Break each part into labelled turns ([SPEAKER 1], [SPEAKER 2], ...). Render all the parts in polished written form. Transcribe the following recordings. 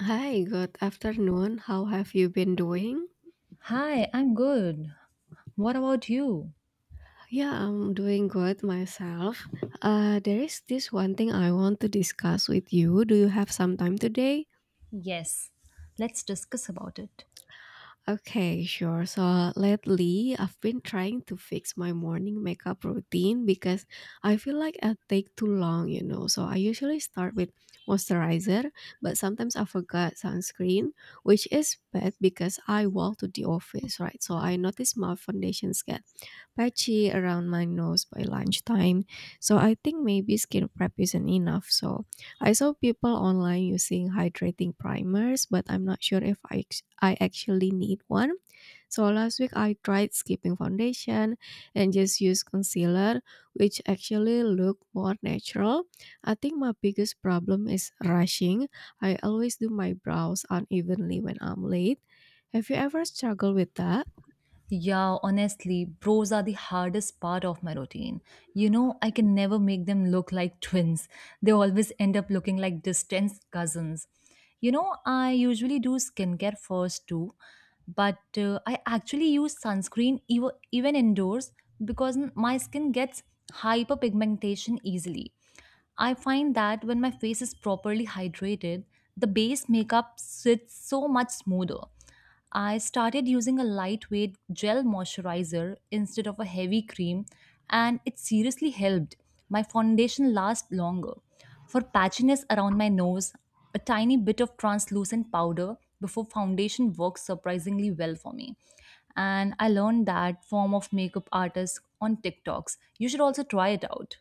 [SPEAKER 1] Hi, good afternoon. How have you been doing?
[SPEAKER 2] Hi, I'm good. What about you?
[SPEAKER 1] Yeah, I'm doing good myself. There is this one thing I want to discuss with you. Do you have some time today?
[SPEAKER 2] Yes, let's discuss about it.
[SPEAKER 1] Okay, sure. So lately, I've been trying to fix my morning makeup routine because I feel like I take too long. So I usually start with moisturizer, but sometimes I forgot sunscreen, which is bad because I walk to the office, right? So I notice my foundations get patchy around my nose by lunchtime. So I think maybe skin prep isn't enough. So I saw people online using hydrating primers, but I'm not sure if I actually need one. So last week I tried skipping foundation and just use concealer, which actually looked more natural. I think my biggest problem is rushing. I always do my brows unevenly when I'm late. Have you ever struggled with that?
[SPEAKER 2] Yeah, honestly, bros are the hardest part of my routine. You know, I can never make them look like twins. They always end up looking like distant cousins. You know, I usually do skincare first too, but I actually use sunscreen even indoors because my skin gets hyperpigmentation easily. I find that when my face is properly hydrated, the base makeup sits so much smoother. I started using a lightweight gel moisturizer instead of a heavy cream, and it seriously helped. My foundation lasts longer. For patchiness around my nose, a tiny bit of translucent powder before foundation works surprisingly well for me. And I learned that form of makeup artist on TikToks. You should also try it out.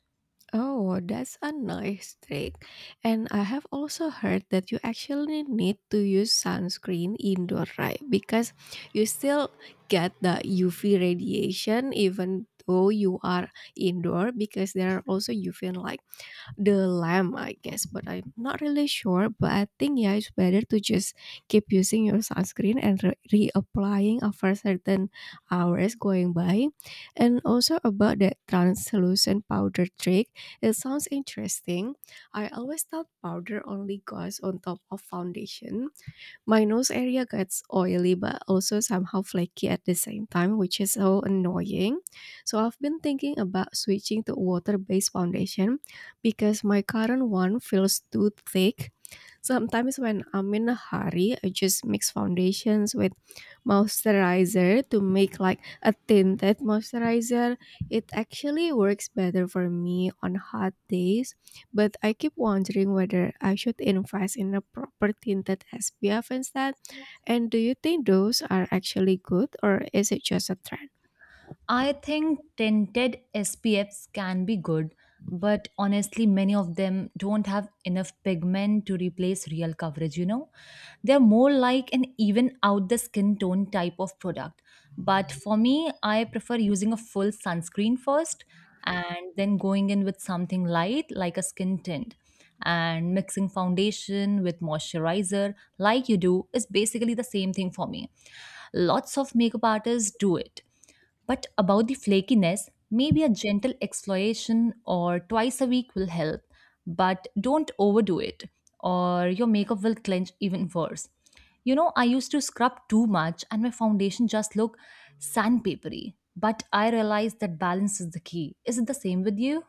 [SPEAKER 1] Oh, that's a nice trick. And I have also heard that you actually need to use sunscreen indoor, right? Because you still get the UV radiation even though you are indoor because there are also UV light the lamp, I guess, but I'm not really sure. But I think yeah, it's better to just keep using your sunscreen and reapplying after certain hours going by. And also about that translucent powder trick, it sounds interesting. I always thought powder only goes on top of foundation, my nose area gets oily but also somehow flaky at the same time, which is so annoying. So I've been thinking about switching to water-based foundation because my current one feels too thick. Sometimes when I'm in a hurry, I just mix foundations with moisturizer to make like a tinted moisturizer. It actually works better for me on hot days, but I keep wondering whether I should invest in a proper tinted SPF instead. And do you think those are actually good or is it just a trend?
[SPEAKER 2] I think tinted SPFs can be good, but honestly, many of them don't have enough pigment to replace real coverage, you know? They're more like an even out the skin tone type of product. But for me, I prefer using a full sunscreen first and then going in with something light like a skin tint. And mixing foundation with moisturizer, like you do, is basically the same thing for me. Lots of makeup artists do it, but about the flakiness, maybe a gentle exfoliation or twice a week will help, but don't overdo it or your makeup will clench even worse. You know, I used to scrub too much and my foundation just looked sandpapery, but I realized that balance is the key. Is it the same with you?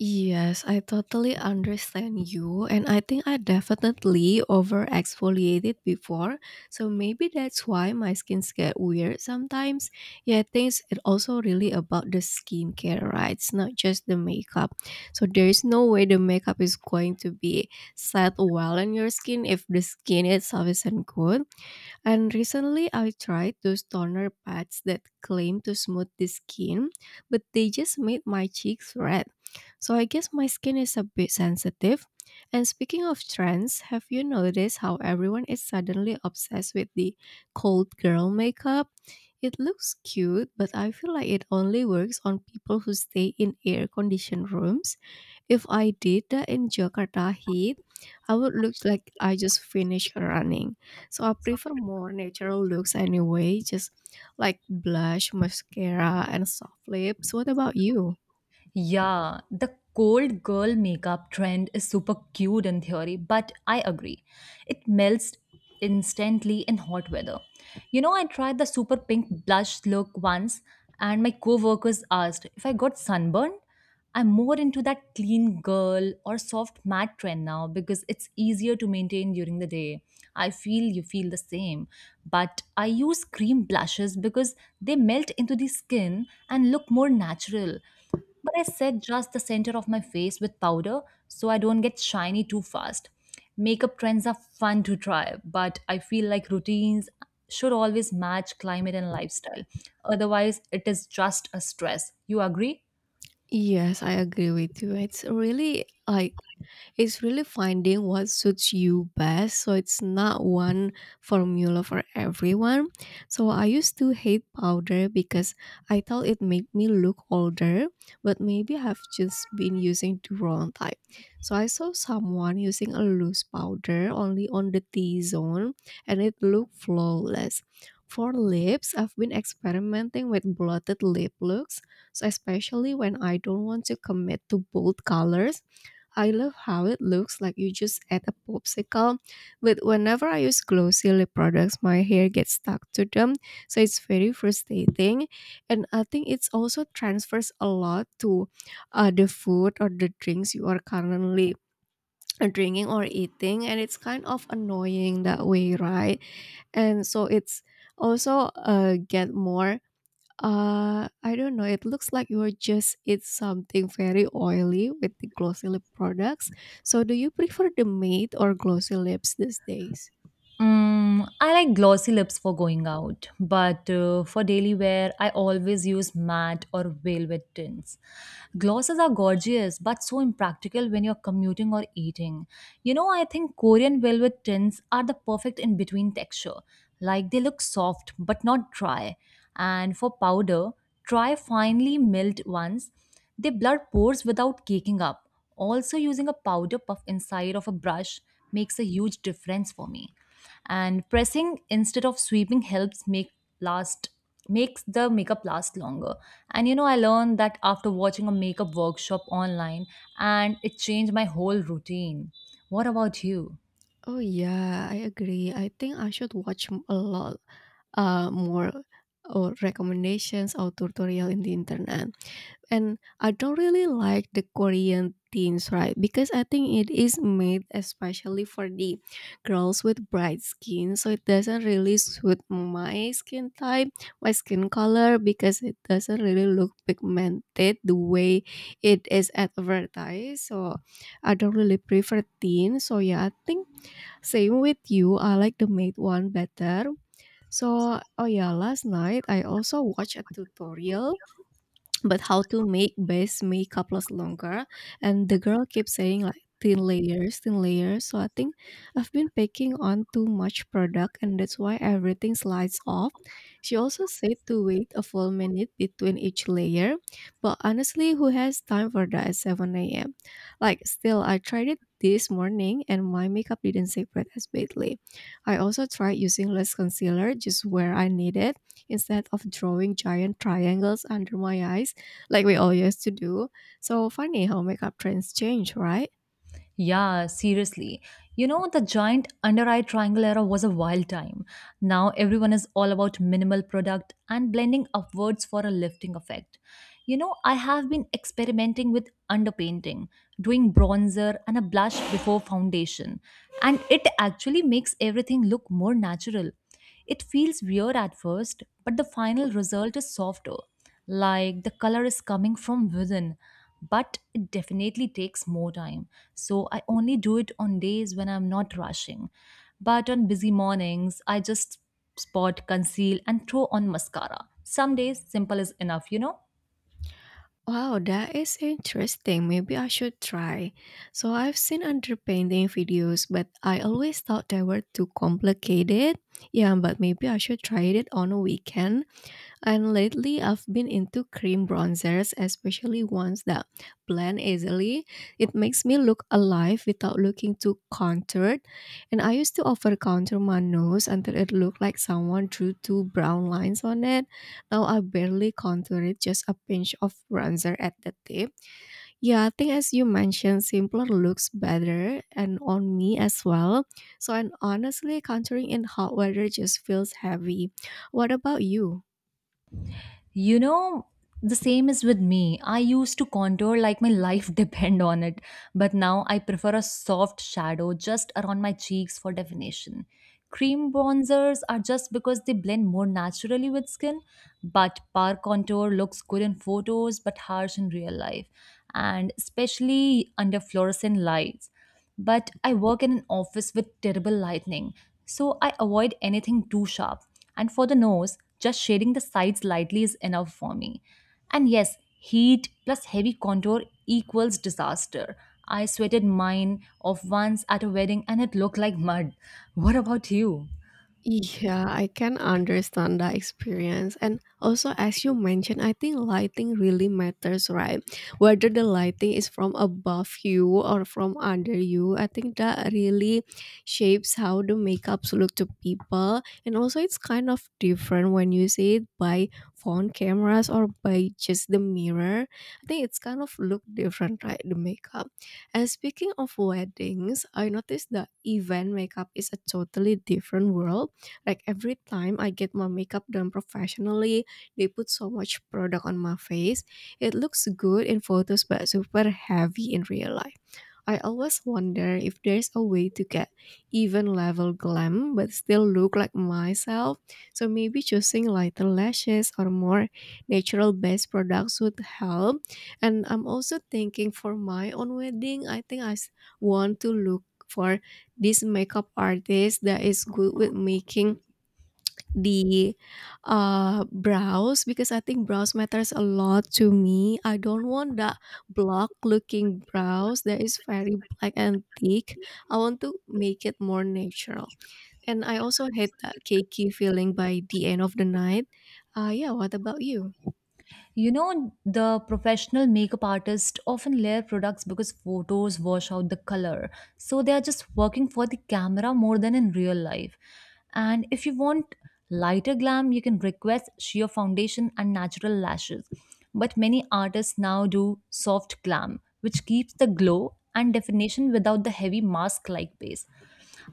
[SPEAKER 1] Yes, I totally understand you, and I think I definitely over exfoliated before, so maybe that's why my skins get weird sometimes. Yeah, I think it also really about the skincare, right? It's not just the makeup. So there is no way the makeup is going to be set well on your skin if the skin itself isn't good. And recently I tried those toner pads that claim to smooth the skin, but they just made my cheeks red. So I guess my skin is a bit sensitive. And speaking of trends, have you noticed how everyone is suddenly obsessed with the cold girl makeup? It looks cute, but I feel like it only works on people who stay in air conditioned rooms. If I did that in Jakarta heat, I would look like I just finished running. So I prefer more natural looks anyway, just like blush, mascara, and soft lips. What about you?
[SPEAKER 2] Yeah, the cold girl makeup trend is super cute in theory, but I agree. It melts instantly in hot weather. You know, I tried the super pink blush look once, and my coworkers asked if I got sunburned. I'm more into that clean girl or soft matte trend now because it's easier to maintain during the day. I feel you feel the same. But I use cream blushes because they melt into the skin and look more natural. But I set just the center of my face with powder so I don't get shiny too fast. Makeup trends are fun to try, but I feel like routines should always match climate and lifestyle. Otherwise, it is just a stress. You agree?
[SPEAKER 1] Yes, I agree with you. It's really finding what suits you best. So it's not one formula for everyone. So I used to hate powder because I thought it made me look older, but maybe I've just been using the wrong type. So I saw someone using a loose powder only on the T zone and it looked flawless. For lips, I've been experimenting with blotted lip looks, so especially when I don't want to commit to bold colors, I love how it looks like you just add a popsicle. But whenever I use glossy lip products, my hair gets stuck to them, so it's very frustrating. And I think it's also transfers a lot to the food or the drinks you are currently drinking or eating, and it's kind of annoying that way, right? And so it's also get more I don't know. It looks like you just eat something very oily with the glossy lip products. So, do you prefer the matte or glossy lips these days?
[SPEAKER 2] Mm, I like glossy lips for going out, but for daily wear, I always use matte or velvet tints. Glosses are gorgeous, but so impractical when you're commuting or eating. You know, I think Korean velvet tints are the perfect in between texture. Like they look soft but not dry. And for powder, try finely milled ones. They blur pores without caking up. Also, using a powder puff inside of a brush makes a huge difference for me, and pressing instead of sweeping helps make last makes the makeup last longer. And you know, I learned that after watching a makeup workshop online, and it changed my whole routine. What about you?
[SPEAKER 1] Oh yeah, I agree. I think I should watch a lot more or recommendations or tutorial in the internet. And I don't really like the Korean teens, right? Because I think it is made especially for the girls with bright skin. So it doesn't really suit my skin type, my skin color, because it doesn't really look pigmented the way it is advertised. So I don't really prefer teen. So yeah, I think same with you. I like the made one better. So, oh yeah, last night I also watched a tutorial but how to make base makeup last longer, and the girl keeps saying like thin layers, thin layers. So I think I've been packing on too much product and that's why everything slides off. She also said to wait a full minute between each layer, but honestly who has time for that at 7 a.m.? Like, still, I tried it this morning and my makeup didn't separate as badly. I also tried using less concealer just where I need it, instead of drawing giant triangles under my eyes like we all used to do. So funny how makeup trends change, right?
[SPEAKER 2] Yeah, seriously. You know, the giant under eye triangle era was a wild time. Now everyone is all about minimal product and blending upwards for a lifting effect. You know, I have been experimenting with underpainting, doing bronzer and a blush before foundation, and it actually makes everything look more natural. It feels weird at first, but the final result is softer, like the color is coming from within. But it definitely takes more time. So I only do it on days when I'm not rushing. But on busy mornings, I just spot, conceal, and throw on mascara. Some days, simple is enough, you know?
[SPEAKER 1] Wow, that is interesting. Maybe I should try. So I've seen underpainting videos, but I always thought they were too complicated. Yeah, but maybe I should try it on a weekend. And lately, I've been into cream bronzers, especially ones that blend easily. It makes me look alive without looking too contoured. And I used to over contour my nose until it looked like someone drew two brown lines on it. Now I barely contour it, just a pinch of bronzer at the tip. Yeah, I think as you mentioned, simpler looks better and on me as well. So, and honestly, contouring in hot weather just feels heavy. What about you?
[SPEAKER 2] You know, the same is with me. I used to contour like my life depend on it, but now I prefer a soft shadow just around my cheeks for definition. Cream bronzers are just because they blend more naturally with skin, but par contour looks good in photos but harsh in real life, and especially under fluorescent lights, but I work in an office with terrible lighting, so I avoid anything too sharp. And for the nose, just shading the sides lightly is enough for me. And yes, heat plus heavy contour equals disaster. I sweated mine off once at a wedding and it looked like mud. What about you?
[SPEAKER 1] Yeah, I can understand that experience. And also, as you mentioned, I think lighting really matters, right? Whether the lighting is from above you or from under you, I think that really shapes how the makeups look to people. And also, it's kind of different when you see it by phone cameras or by just the mirror. I think it's kind of look different, right? The makeup. And speaking of weddings, I noticed that event makeup is a totally different world, like every time I get my makeup done professionally, they put so much product on my face. It looks good in photos but super heavy in real life. I always wonder if there's a way to get even level glam but still look like myself. So maybe choosing lighter lashes or more natural based products would help. And I'm also thinking for my own wedding, I think want to look for this makeup artist that is good with making the brows because I think brows matters a lot to me. I don't want that block looking brows that is very black and thick. I want to make it more natural. And I also hate that cakey feeling by the end of the night. Yeah, what about you?
[SPEAKER 2] You know, the professional makeup artists often layer products because photos wash out the color. So they are just working for the camera more than in real life. And if you want lighter glam, you can request sheer foundation and natural lashes. But many artists now do soft glam, which keeps the glow and definition without the heavy mask like base.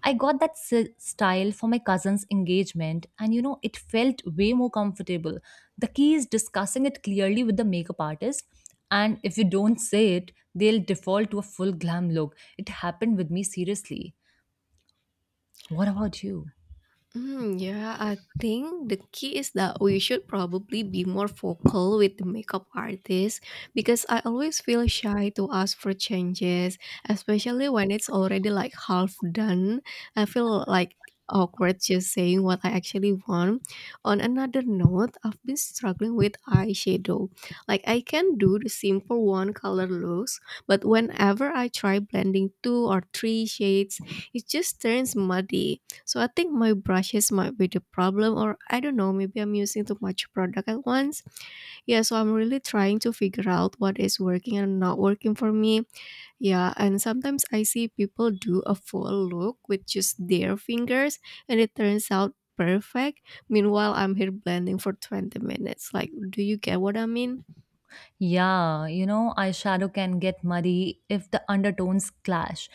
[SPEAKER 2] I got that style for my cousin's engagement, and you know, it felt way more comfortable. The key is discussing it clearly with the makeup artist, and if you don't say it, they'll default to a full glam look. It happened with me, seriously. What about you?
[SPEAKER 1] Mm, yeah, I think the key is that we should probably be more vocal with the makeup artist because I always feel shy to ask for changes, especially when it's already like half done. I feel like awkward just saying what I actually want. On another note, I've been struggling with eyeshadow. Like I can do the simple one color looks, but whenever I try blending two or three shades, it just turns muddy. So I think my brushes might be the problem, or I don't know, maybe I'm using too much product at once. Yeah, so I'm really trying to figure out what is working and not working for me. Yeah, and sometimes I see people do a full look with just their fingers, and it turns out perfect. Meanwhile, I'm here blending for 20 minutes. Like, do you get what I mean?
[SPEAKER 2] Yeah, you know, eyeshadow can get muddy if the undertones clash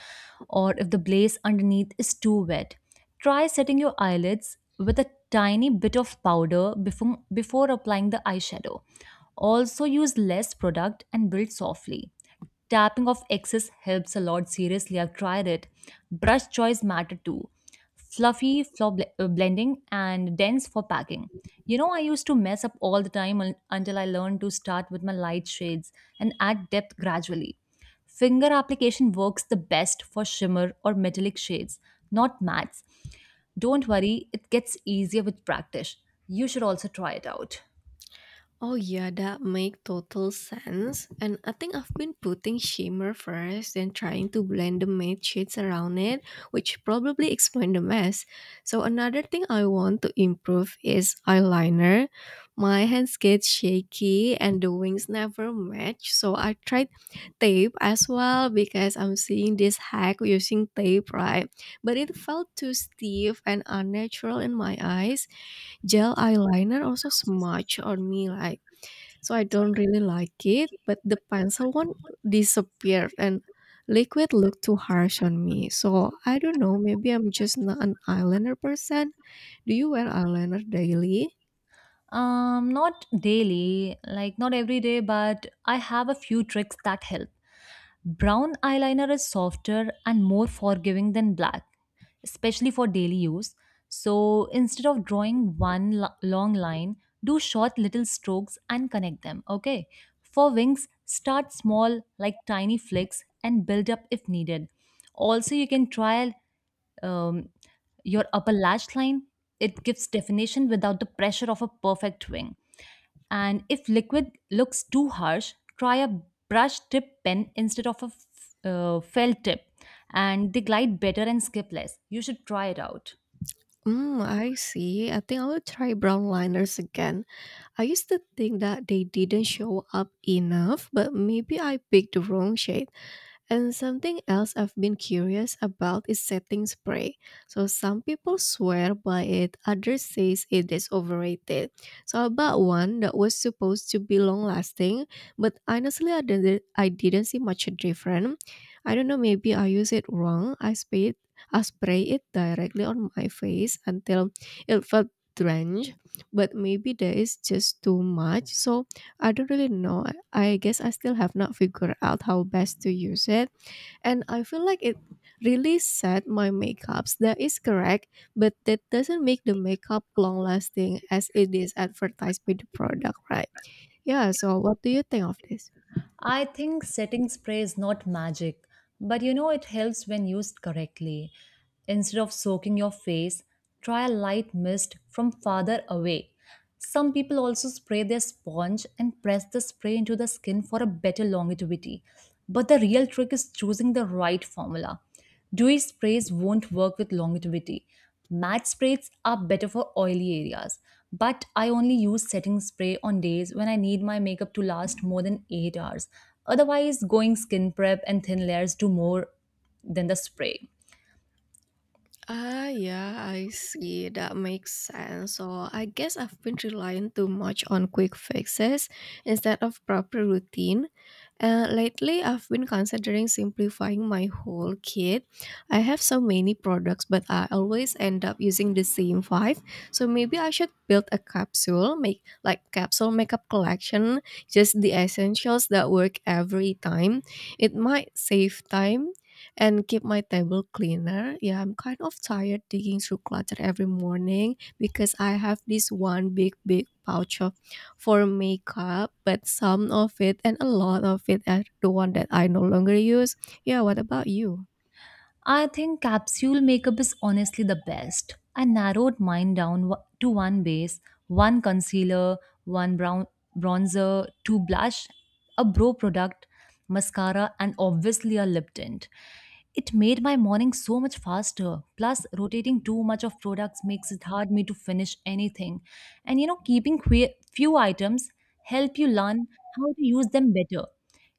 [SPEAKER 2] or if the base underneath is too wet. Try setting your eyelids with a tiny bit of powder before applying the eyeshadow. Also, use less product and build softly. Tapping off excess helps a lot. Seriously, I've tried it. Brush choice matter too: fluffy for blending and dense for packing. You know, I used to mess up all the time until I learned to start with my light shades and add depth gradually. Finger application works the best for shimmer or metallic shades, not mattes. Don't worry, it gets easier with practice. You should also try it out.
[SPEAKER 1] Oh yeah, that make total sense. And I think I've been putting shimmer first, then trying to blend the matte shades around it, which probably explain the mess. So another thing I want to improve is eyeliner. My hands get shaky and the wings never match. So I tried tape as well because I'm seeing this hack using tape, right? But it felt too stiff and unnatural in my eyes. Gel eyeliner also
[SPEAKER 2] Also so
[SPEAKER 1] smudged
[SPEAKER 2] much
[SPEAKER 1] on
[SPEAKER 2] of
[SPEAKER 1] me, like,
[SPEAKER 2] fun.
[SPEAKER 1] so I
[SPEAKER 2] So I
[SPEAKER 1] don't really like it.
[SPEAKER 2] don't really
[SPEAKER 1] But
[SPEAKER 2] like
[SPEAKER 1] the
[SPEAKER 2] but the
[SPEAKER 1] pencil
[SPEAKER 2] fun
[SPEAKER 1] one
[SPEAKER 2] one is
[SPEAKER 1] disappeared,
[SPEAKER 2] something I
[SPEAKER 1] and liquid
[SPEAKER 2] like when
[SPEAKER 1] looked too
[SPEAKER 2] it's so
[SPEAKER 1] harsh
[SPEAKER 2] hard
[SPEAKER 1] on
[SPEAKER 2] for
[SPEAKER 1] me.
[SPEAKER 2] me.
[SPEAKER 1] So
[SPEAKER 2] So
[SPEAKER 1] I don't
[SPEAKER 2] I don't
[SPEAKER 1] know.
[SPEAKER 2] know,
[SPEAKER 1] Maybe I'm
[SPEAKER 2] maybe I'm
[SPEAKER 1] just not
[SPEAKER 2] just
[SPEAKER 1] an
[SPEAKER 2] not a
[SPEAKER 1] eyeliner person.
[SPEAKER 2] person.
[SPEAKER 1] Do you
[SPEAKER 2] You
[SPEAKER 1] wear
[SPEAKER 2] know,
[SPEAKER 1] eyeliner
[SPEAKER 2] I don't
[SPEAKER 1] daily?
[SPEAKER 2] like not daily, like not every day, but I have a few tricks that help. Brown eyeliner is softer and more forgiving than black, especially for daily use. So instead of drawing one long line, do short little strokes and connect them, okay? For wings, start small like tiny flicks and build up if needed. Also, you can try um, your upper lash line. It gives definition without the pressure of a perfect wing. And if liquid looks too harsh, try a brush tip pen instead of a felt tip, and they glide better and skip less. You should try it out.
[SPEAKER 1] Mm, I see. I think I will try brown liners again. I used to think that they didn't show up enough, but maybe I picked the wrong shade. And something else I've been curious about is setting spray. So some people swear by it, others says it is overrated. So I bought one that was supposed to be long lasting, but honestly I didn't see much difference. I don't know, maybe I use it wrong. I spray it directly on my face until it felt drenched, but maybe there is just too much. So I don't really know. I guess I still have not figured out how best to use it and I feel like it really set my makeups. That is correct, but that doesn't make the makeup long lasting as it is advertised by the product, right? Yeah, so what do you think of this?
[SPEAKER 2] I think setting spray is not magic, but you know it helps when used correctly. Instead of soaking your face, try a light mist from farther away. Some people also spray their sponge and press the spray into the skin for a better longevity. But the real trick is choosing the right formula. Dewy sprays won't work with longevity. Matte sprays are better for oily areas, but I only use setting spray on days when I need my makeup to last more than 8 hours. Otherwise, going skin prep and thin layers do more than the spray.
[SPEAKER 1] Ah, yeah, I see. That makes sense. So I guess I've been relying too much on quick fixes instead of proper routine. Lately, I've been considering simplifying my whole kit. I have so many products, but I always end up using the same five. So maybe I should build a capsule, make like capsule makeup collection, just the essentials that work every time. It might save time and keep my table cleaner. Yeah, I'm kind of tired digging through clutter every morning because I have this one big, big pouch of for makeup, but some of it and a lot of it are the one that I no longer use. Yeah, what about you?
[SPEAKER 2] I think capsule makeup is honestly the best. I narrowed mine down to one base, one concealer, one brown bronzer, two blush, a brow product, mascara, and obviously a lip tint. It made my morning so much faster. Plus, rotating too much of products makes it hard me to finish anything. And you know, keeping few items help you learn how to use them better.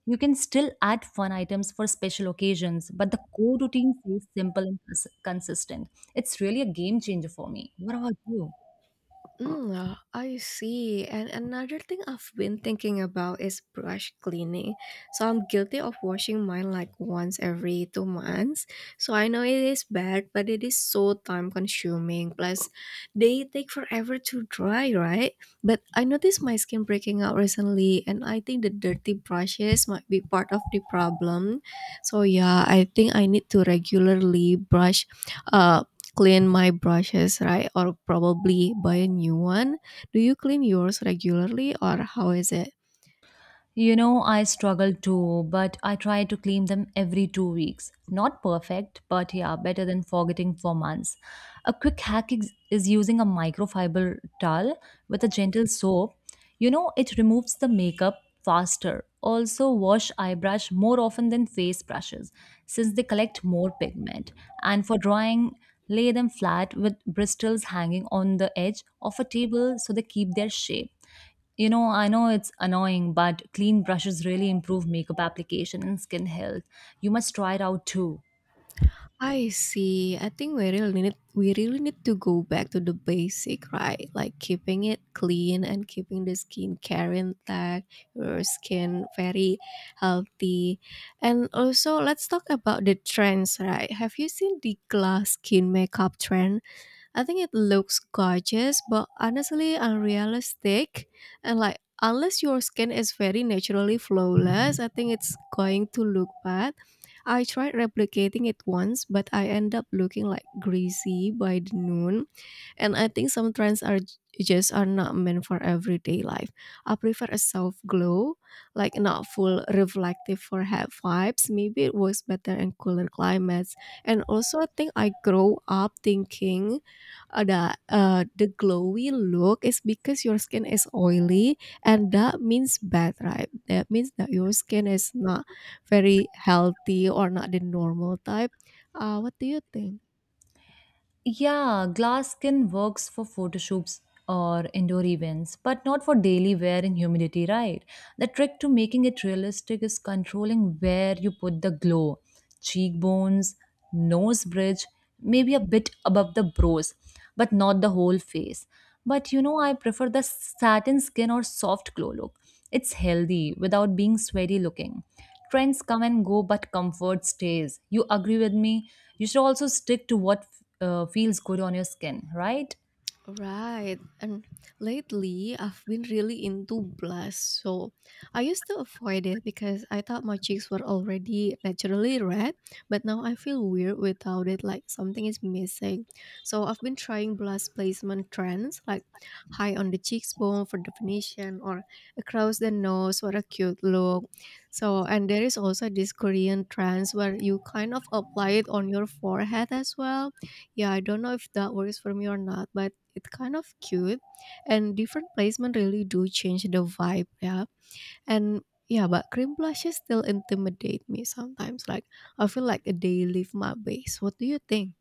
[SPEAKER 2] You can still add fun items for special occasions, but the core routine stays simple and consistent. It's really a game changer for me. What about you?
[SPEAKER 1] I see. And another thing I've been thinking about is brush cleaning. So I'm guilty of washing mine like once every 2 months. So I know it is bad, but it is so time consuming. Plus, they take forever to dry, right? But I noticed my skin breaking out recently, and I think the dirty brushes might be part of the problem. So yeah, I think I need to regularly brush uh clean my brushes, right? Or probably buy a new one. Do you clean yours regularly or how is it?
[SPEAKER 2] You know, I struggle too, but I try to clean them every 2 weeks. Not perfect, but yeah, better than forgetting for months. A quick hack is using a microfiber towel with a gentle soap. You know, it removes the makeup faster. Also, wash eye brush more often than face brushes since they collect more pigment. And for drying, lay them flat with bristles hanging on the edge of a table so they keep their shape. You know, I know it's annoying, but clean brushes really improve makeup application and skin health. You must try it out too.
[SPEAKER 1] I see. I think we really need to go back to the basic, right? Like keeping it clean and keeping the skincare intact, your skin very healthy. And also let's talk about the trends, right? Have you seen the glass skin makeup trend? I think it looks gorgeous, but honestly unrealistic. And like, unless your skin is very naturally flawless, I think it's going to look bad. I tried replicating it once, but I end up looking like greasy by the noon. And I think some trends are just are not meant for everyday life. I prefer a soft glow, like not full reflective for head vibes. Maybe it works better in cooler climates. And also I think I grow up thinking that the glowy look is because your skin is oily and that means bad, right? That means that your skin is not very healthy or not the normal type. What do you think?
[SPEAKER 2] Yeah, glass skin works for photo shoots or indoor events, but not for daily wear in humidity, right? The trick to making it realistic is controlling where you put the glow: cheekbones, nose bridge, maybe a bit above the brows, but not the whole face. But you know, I prefer the satin skin or soft glow look. It's healthy without being sweaty looking. Trends come and go, but comfort stays. You agree with me? You should also stick to what feels good on your skin, right?
[SPEAKER 1] Right. And lately, I've been really into blush. So I used to avoid it because I thought my cheeks were already naturally red, but now I feel weird without it, like something is missing. So I've been trying blush placement trends, like high on the cheekbone for definition, or across the nose for a cute look. So, and there is also this Korean trends where you kind of apply it on your forehead as well yeah, I don't know if that works for me or not, but it's kind of cute. And different placement really do change the vibe, yeah. And yeah, but cream blushes still intimidate me sometimes. Like I feel like they leave my base. What do you think?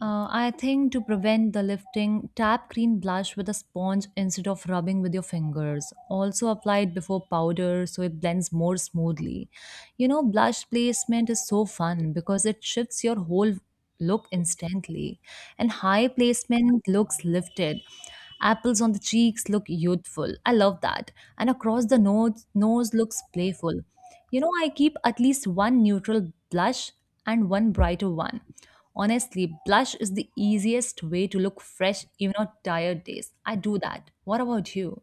[SPEAKER 2] I think to prevent the lifting, tap green blush with a sponge instead of rubbing with your fingers. Also apply it before powder so it blends more smoothly. You know, blush placement is so fun because it shifts your whole look instantly. And high placement looks lifted. Apples on the cheeks look youthful. I love that. And across the nose, nose looks playful. You know, I keep at least one neutral blush and one brighter one. Honestly, blush is the easiest way to look fresh even on tired days. I do that. What about you?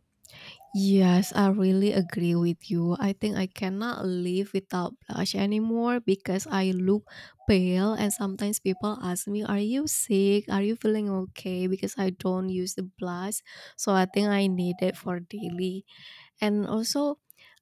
[SPEAKER 1] Yes, I really agree with you. I think I cannot live without blush anymore because I look pale and sometimes people ask me, "Are you sick? Are you feeling okay?" because I don't use the blush. So I think I need it for daily and also,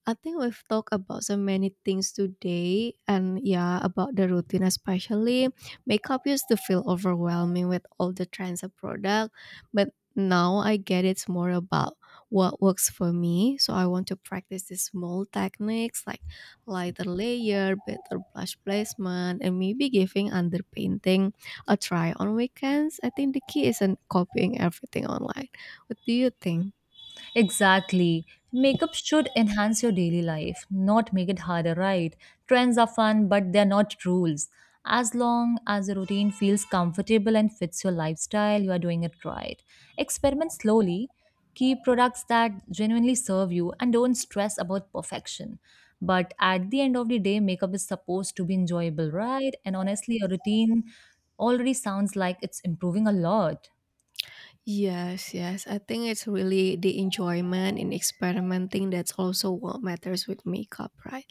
[SPEAKER 1] I think we've talked about so many things today, and yeah, about the routine especially. Makeup used to feel overwhelming with all the trends of product, but now I get it's more about what works for me. So I want to practice these small techniques like lighter layer, better blush placement, and maybe giving underpainting a try on weekends. I think the key isn't copying everything online. What do you think?
[SPEAKER 2] Exactly. Makeup should enhance your daily life, not make it harder, right? Trends are fun, but they're not rules. As long as the routine feels comfortable and fits your lifestyle, you are doing it right. Experiment slowly. Keep products that genuinely serve you and don't stress about perfection. But at the end of the day, makeup is supposed to be enjoyable, right? And honestly, your routine already sounds like it's improving a lot.
[SPEAKER 1] Yes, yes. I think it's really the enjoyment in experimenting that's also what matters with makeup, right?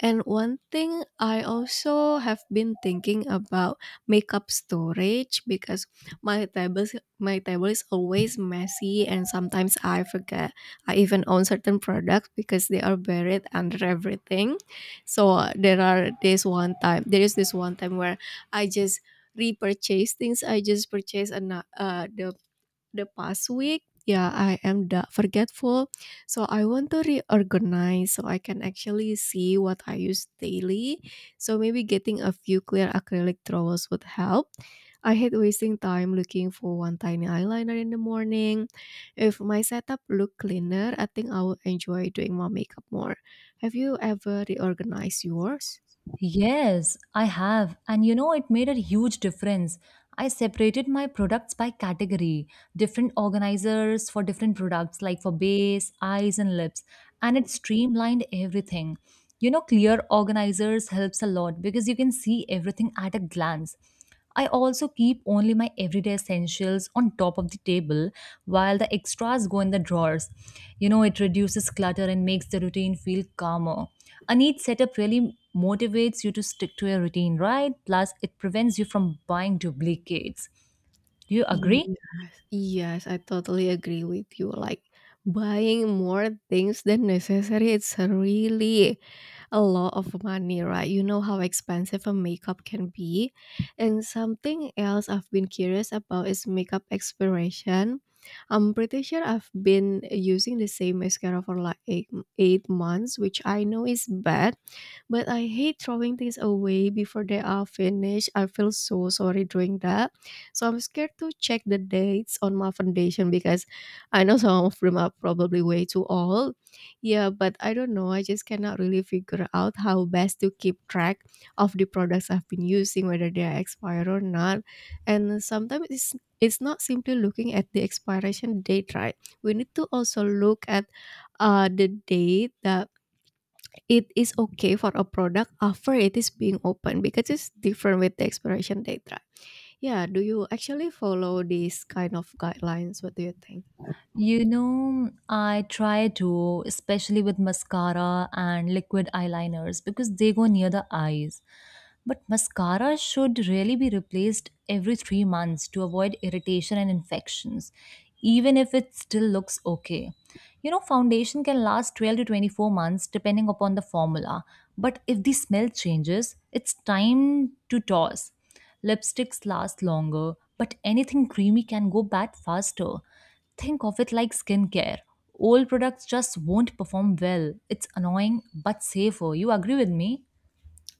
[SPEAKER 1] And one thing I also have been thinking about makeup storage because my tables my table is always messy and sometimes I forget I even own certain products because they are buried under everything. So there is this one time where I just repurchase things. I just purchased an, the past week, yeah, I am da- forgetful. So I want to reorganize so I can actually see what I use daily. So maybe getting a few clear acrylic towels would help. I hate wasting time looking for one tiny eyeliner in the morning. If my setup looked cleaner, I think I would enjoy doing my makeup more. Have you ever reorganized yours?
[SPEAKER 2] Yes, I have. And you know, it made a huge difference. I separated my products by category, different organizers for different products, like for base, eyes, and lips. And it streamlined everything. You know, clear organizers helps a lot because you can see everything at a glance. I also keep only my everyday essentials on top of the table while the extras go in the drawers. You know, it reduces clutter and makes the routine feel calmer. A neat setup really motivates you to stick to your routine, right? Plus, it prevents you from buying duplicates. Do you agree?
[SPEAKER 1] Yes, yes, I totally agree with you. Like buying more things than necessary, it's really a lot of money, right? You know how expensive a makeup can be. And something else I've been curious about is makeup expiration. I'm pretty sure I've been using the same mascara for like 8 months, which I know is bad, but I hate throwing things away before they are finished. I feel so sorry doing that. So I'm scared to check the dates on my foundation because I know some of them are probably way too old. Yeah, but I don't know. I just cannot really figure out how best to keep track of the products I've been using, whether they are expired or not. And sometimes it's not simply looking at the expiration date, right? We need to also look at the date that it is okay for a product after it is being opened because it's different with the expiration date, right? Yeah, do you actually follow these kind of guidelines? What do you think?
[SPEAKER 2] You know, I try to, especially with mascara and liquid eyeliners because they go near the eyes. But mascara should really be replaced every 3 months to avoid irritation and infections, even if it still looks okay. You know, foundation can last 12 to 24 months depending upon the formula, but if the smell changes, it's time to toss. Lipsticks last longer, but anything creamy can go bad faster. Think of it like skincare. Old products just won't perform well. It's annoying but safer. You agree with me?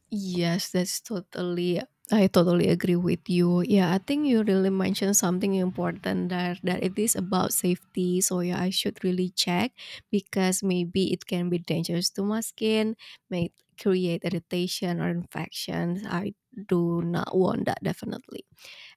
[SPEAKER 1] Yes, that's totally I totally agree with you. Yeah, I think you really mentioned something important there that it is about safety. So yeah, I should really check because maybe it can be dangerous to my skin, may create irritation or infections. I do not want that definitely.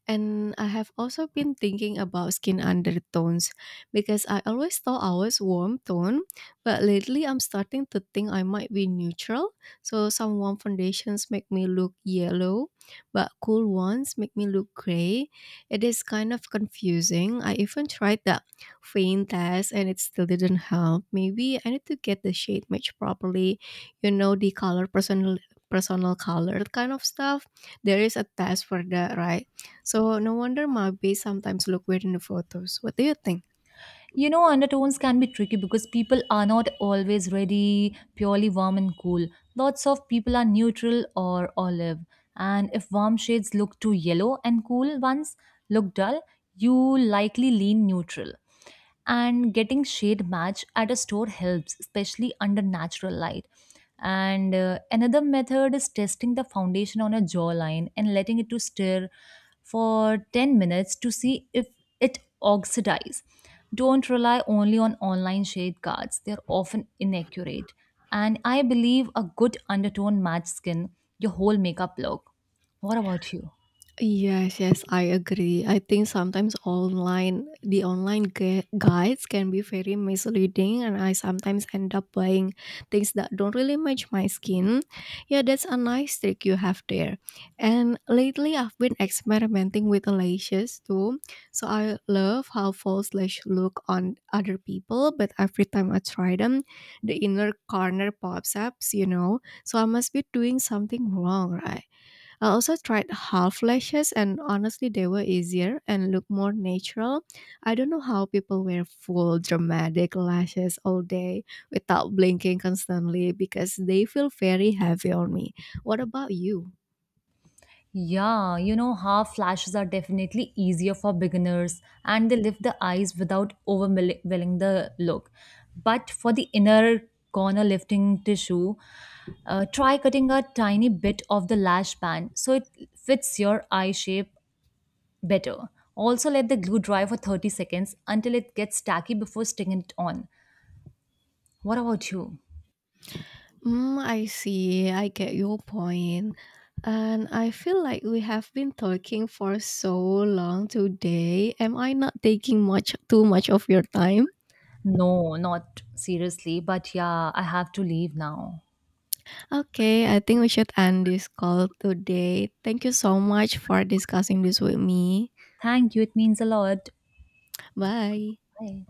[SPEAKER 1] And I have also been thinking about skin undertones because I always thought I was warm tone, but lately I'm starting to think I might be neutral. So some warm foundations make me look yellow, but cool ones make me look gray. It is kind of confusing. I even tried that faint test and it still didn't help. Maybe I need to get the shade match properly, you know, the color personal color kind of stuff. There is a test for that, right? So no wonder my bees sometimes look weird in the photos. What do you think?
[SPEAKER 2] You know, undertones can be tricky because people are not always ready, purely warm and cool. Lots of people are neutral or olive. And if warm shades look too yellow and cool ones look dull, you likely lean neutral. And getting shade match at a store helps, especially under natural light. And another method is testing the foundation on a jawline and letting it to stir for 10 minutes to see if it oxidizes. Don't rely only on online shade cards, they're often inaccurate. And I believe a good undertone match skin your whole makeup look. What about you?
[SPEAKER 1] Yes, yes, I agree. I think sometimes online the online gu- guides can be very misleading and I sometimes end up buying things that don't really match my skin. Yeah, that's a nice trick you have there. And lately I've been experimenting with lashes too. So I love how false lash look on other people, but every time I try them, the inner corner pops up, you know. So I must be doing something wrong, right? I also tried half lashes, and honestly, they were easier and looked more natural. I don't know how people wear full dramatic lashes all day without blinking constantly because they feel very heavy on me. What about you?
[SPEAKER 2] Yeah, you know, half flashes are definitely easier for beginners and they lift the eyes without overwhelming the look. But for the inner corner lifting tissue, try cutting a tiny bit of the lash band so it fits your eye shape better. Also, let the glue dry for 30 seconds until it gets tacky before sticking it on. What about you?
[SPEAKER 1] Mm, I see. I get your point. And I feel like we have been talking for so long today. Am I not taking much too much of your time?
[SPEAKER 2] No, not seriously, but yeah, I have to leave now.
[SPEAKER 1] Okay, I think we should end this call today. Thank you so much for discussing this with me.
[SPEAKER 2] Thank you, it means a lot.
[SPEAKER 1] Bye.
[SPEAKER 2] Bye.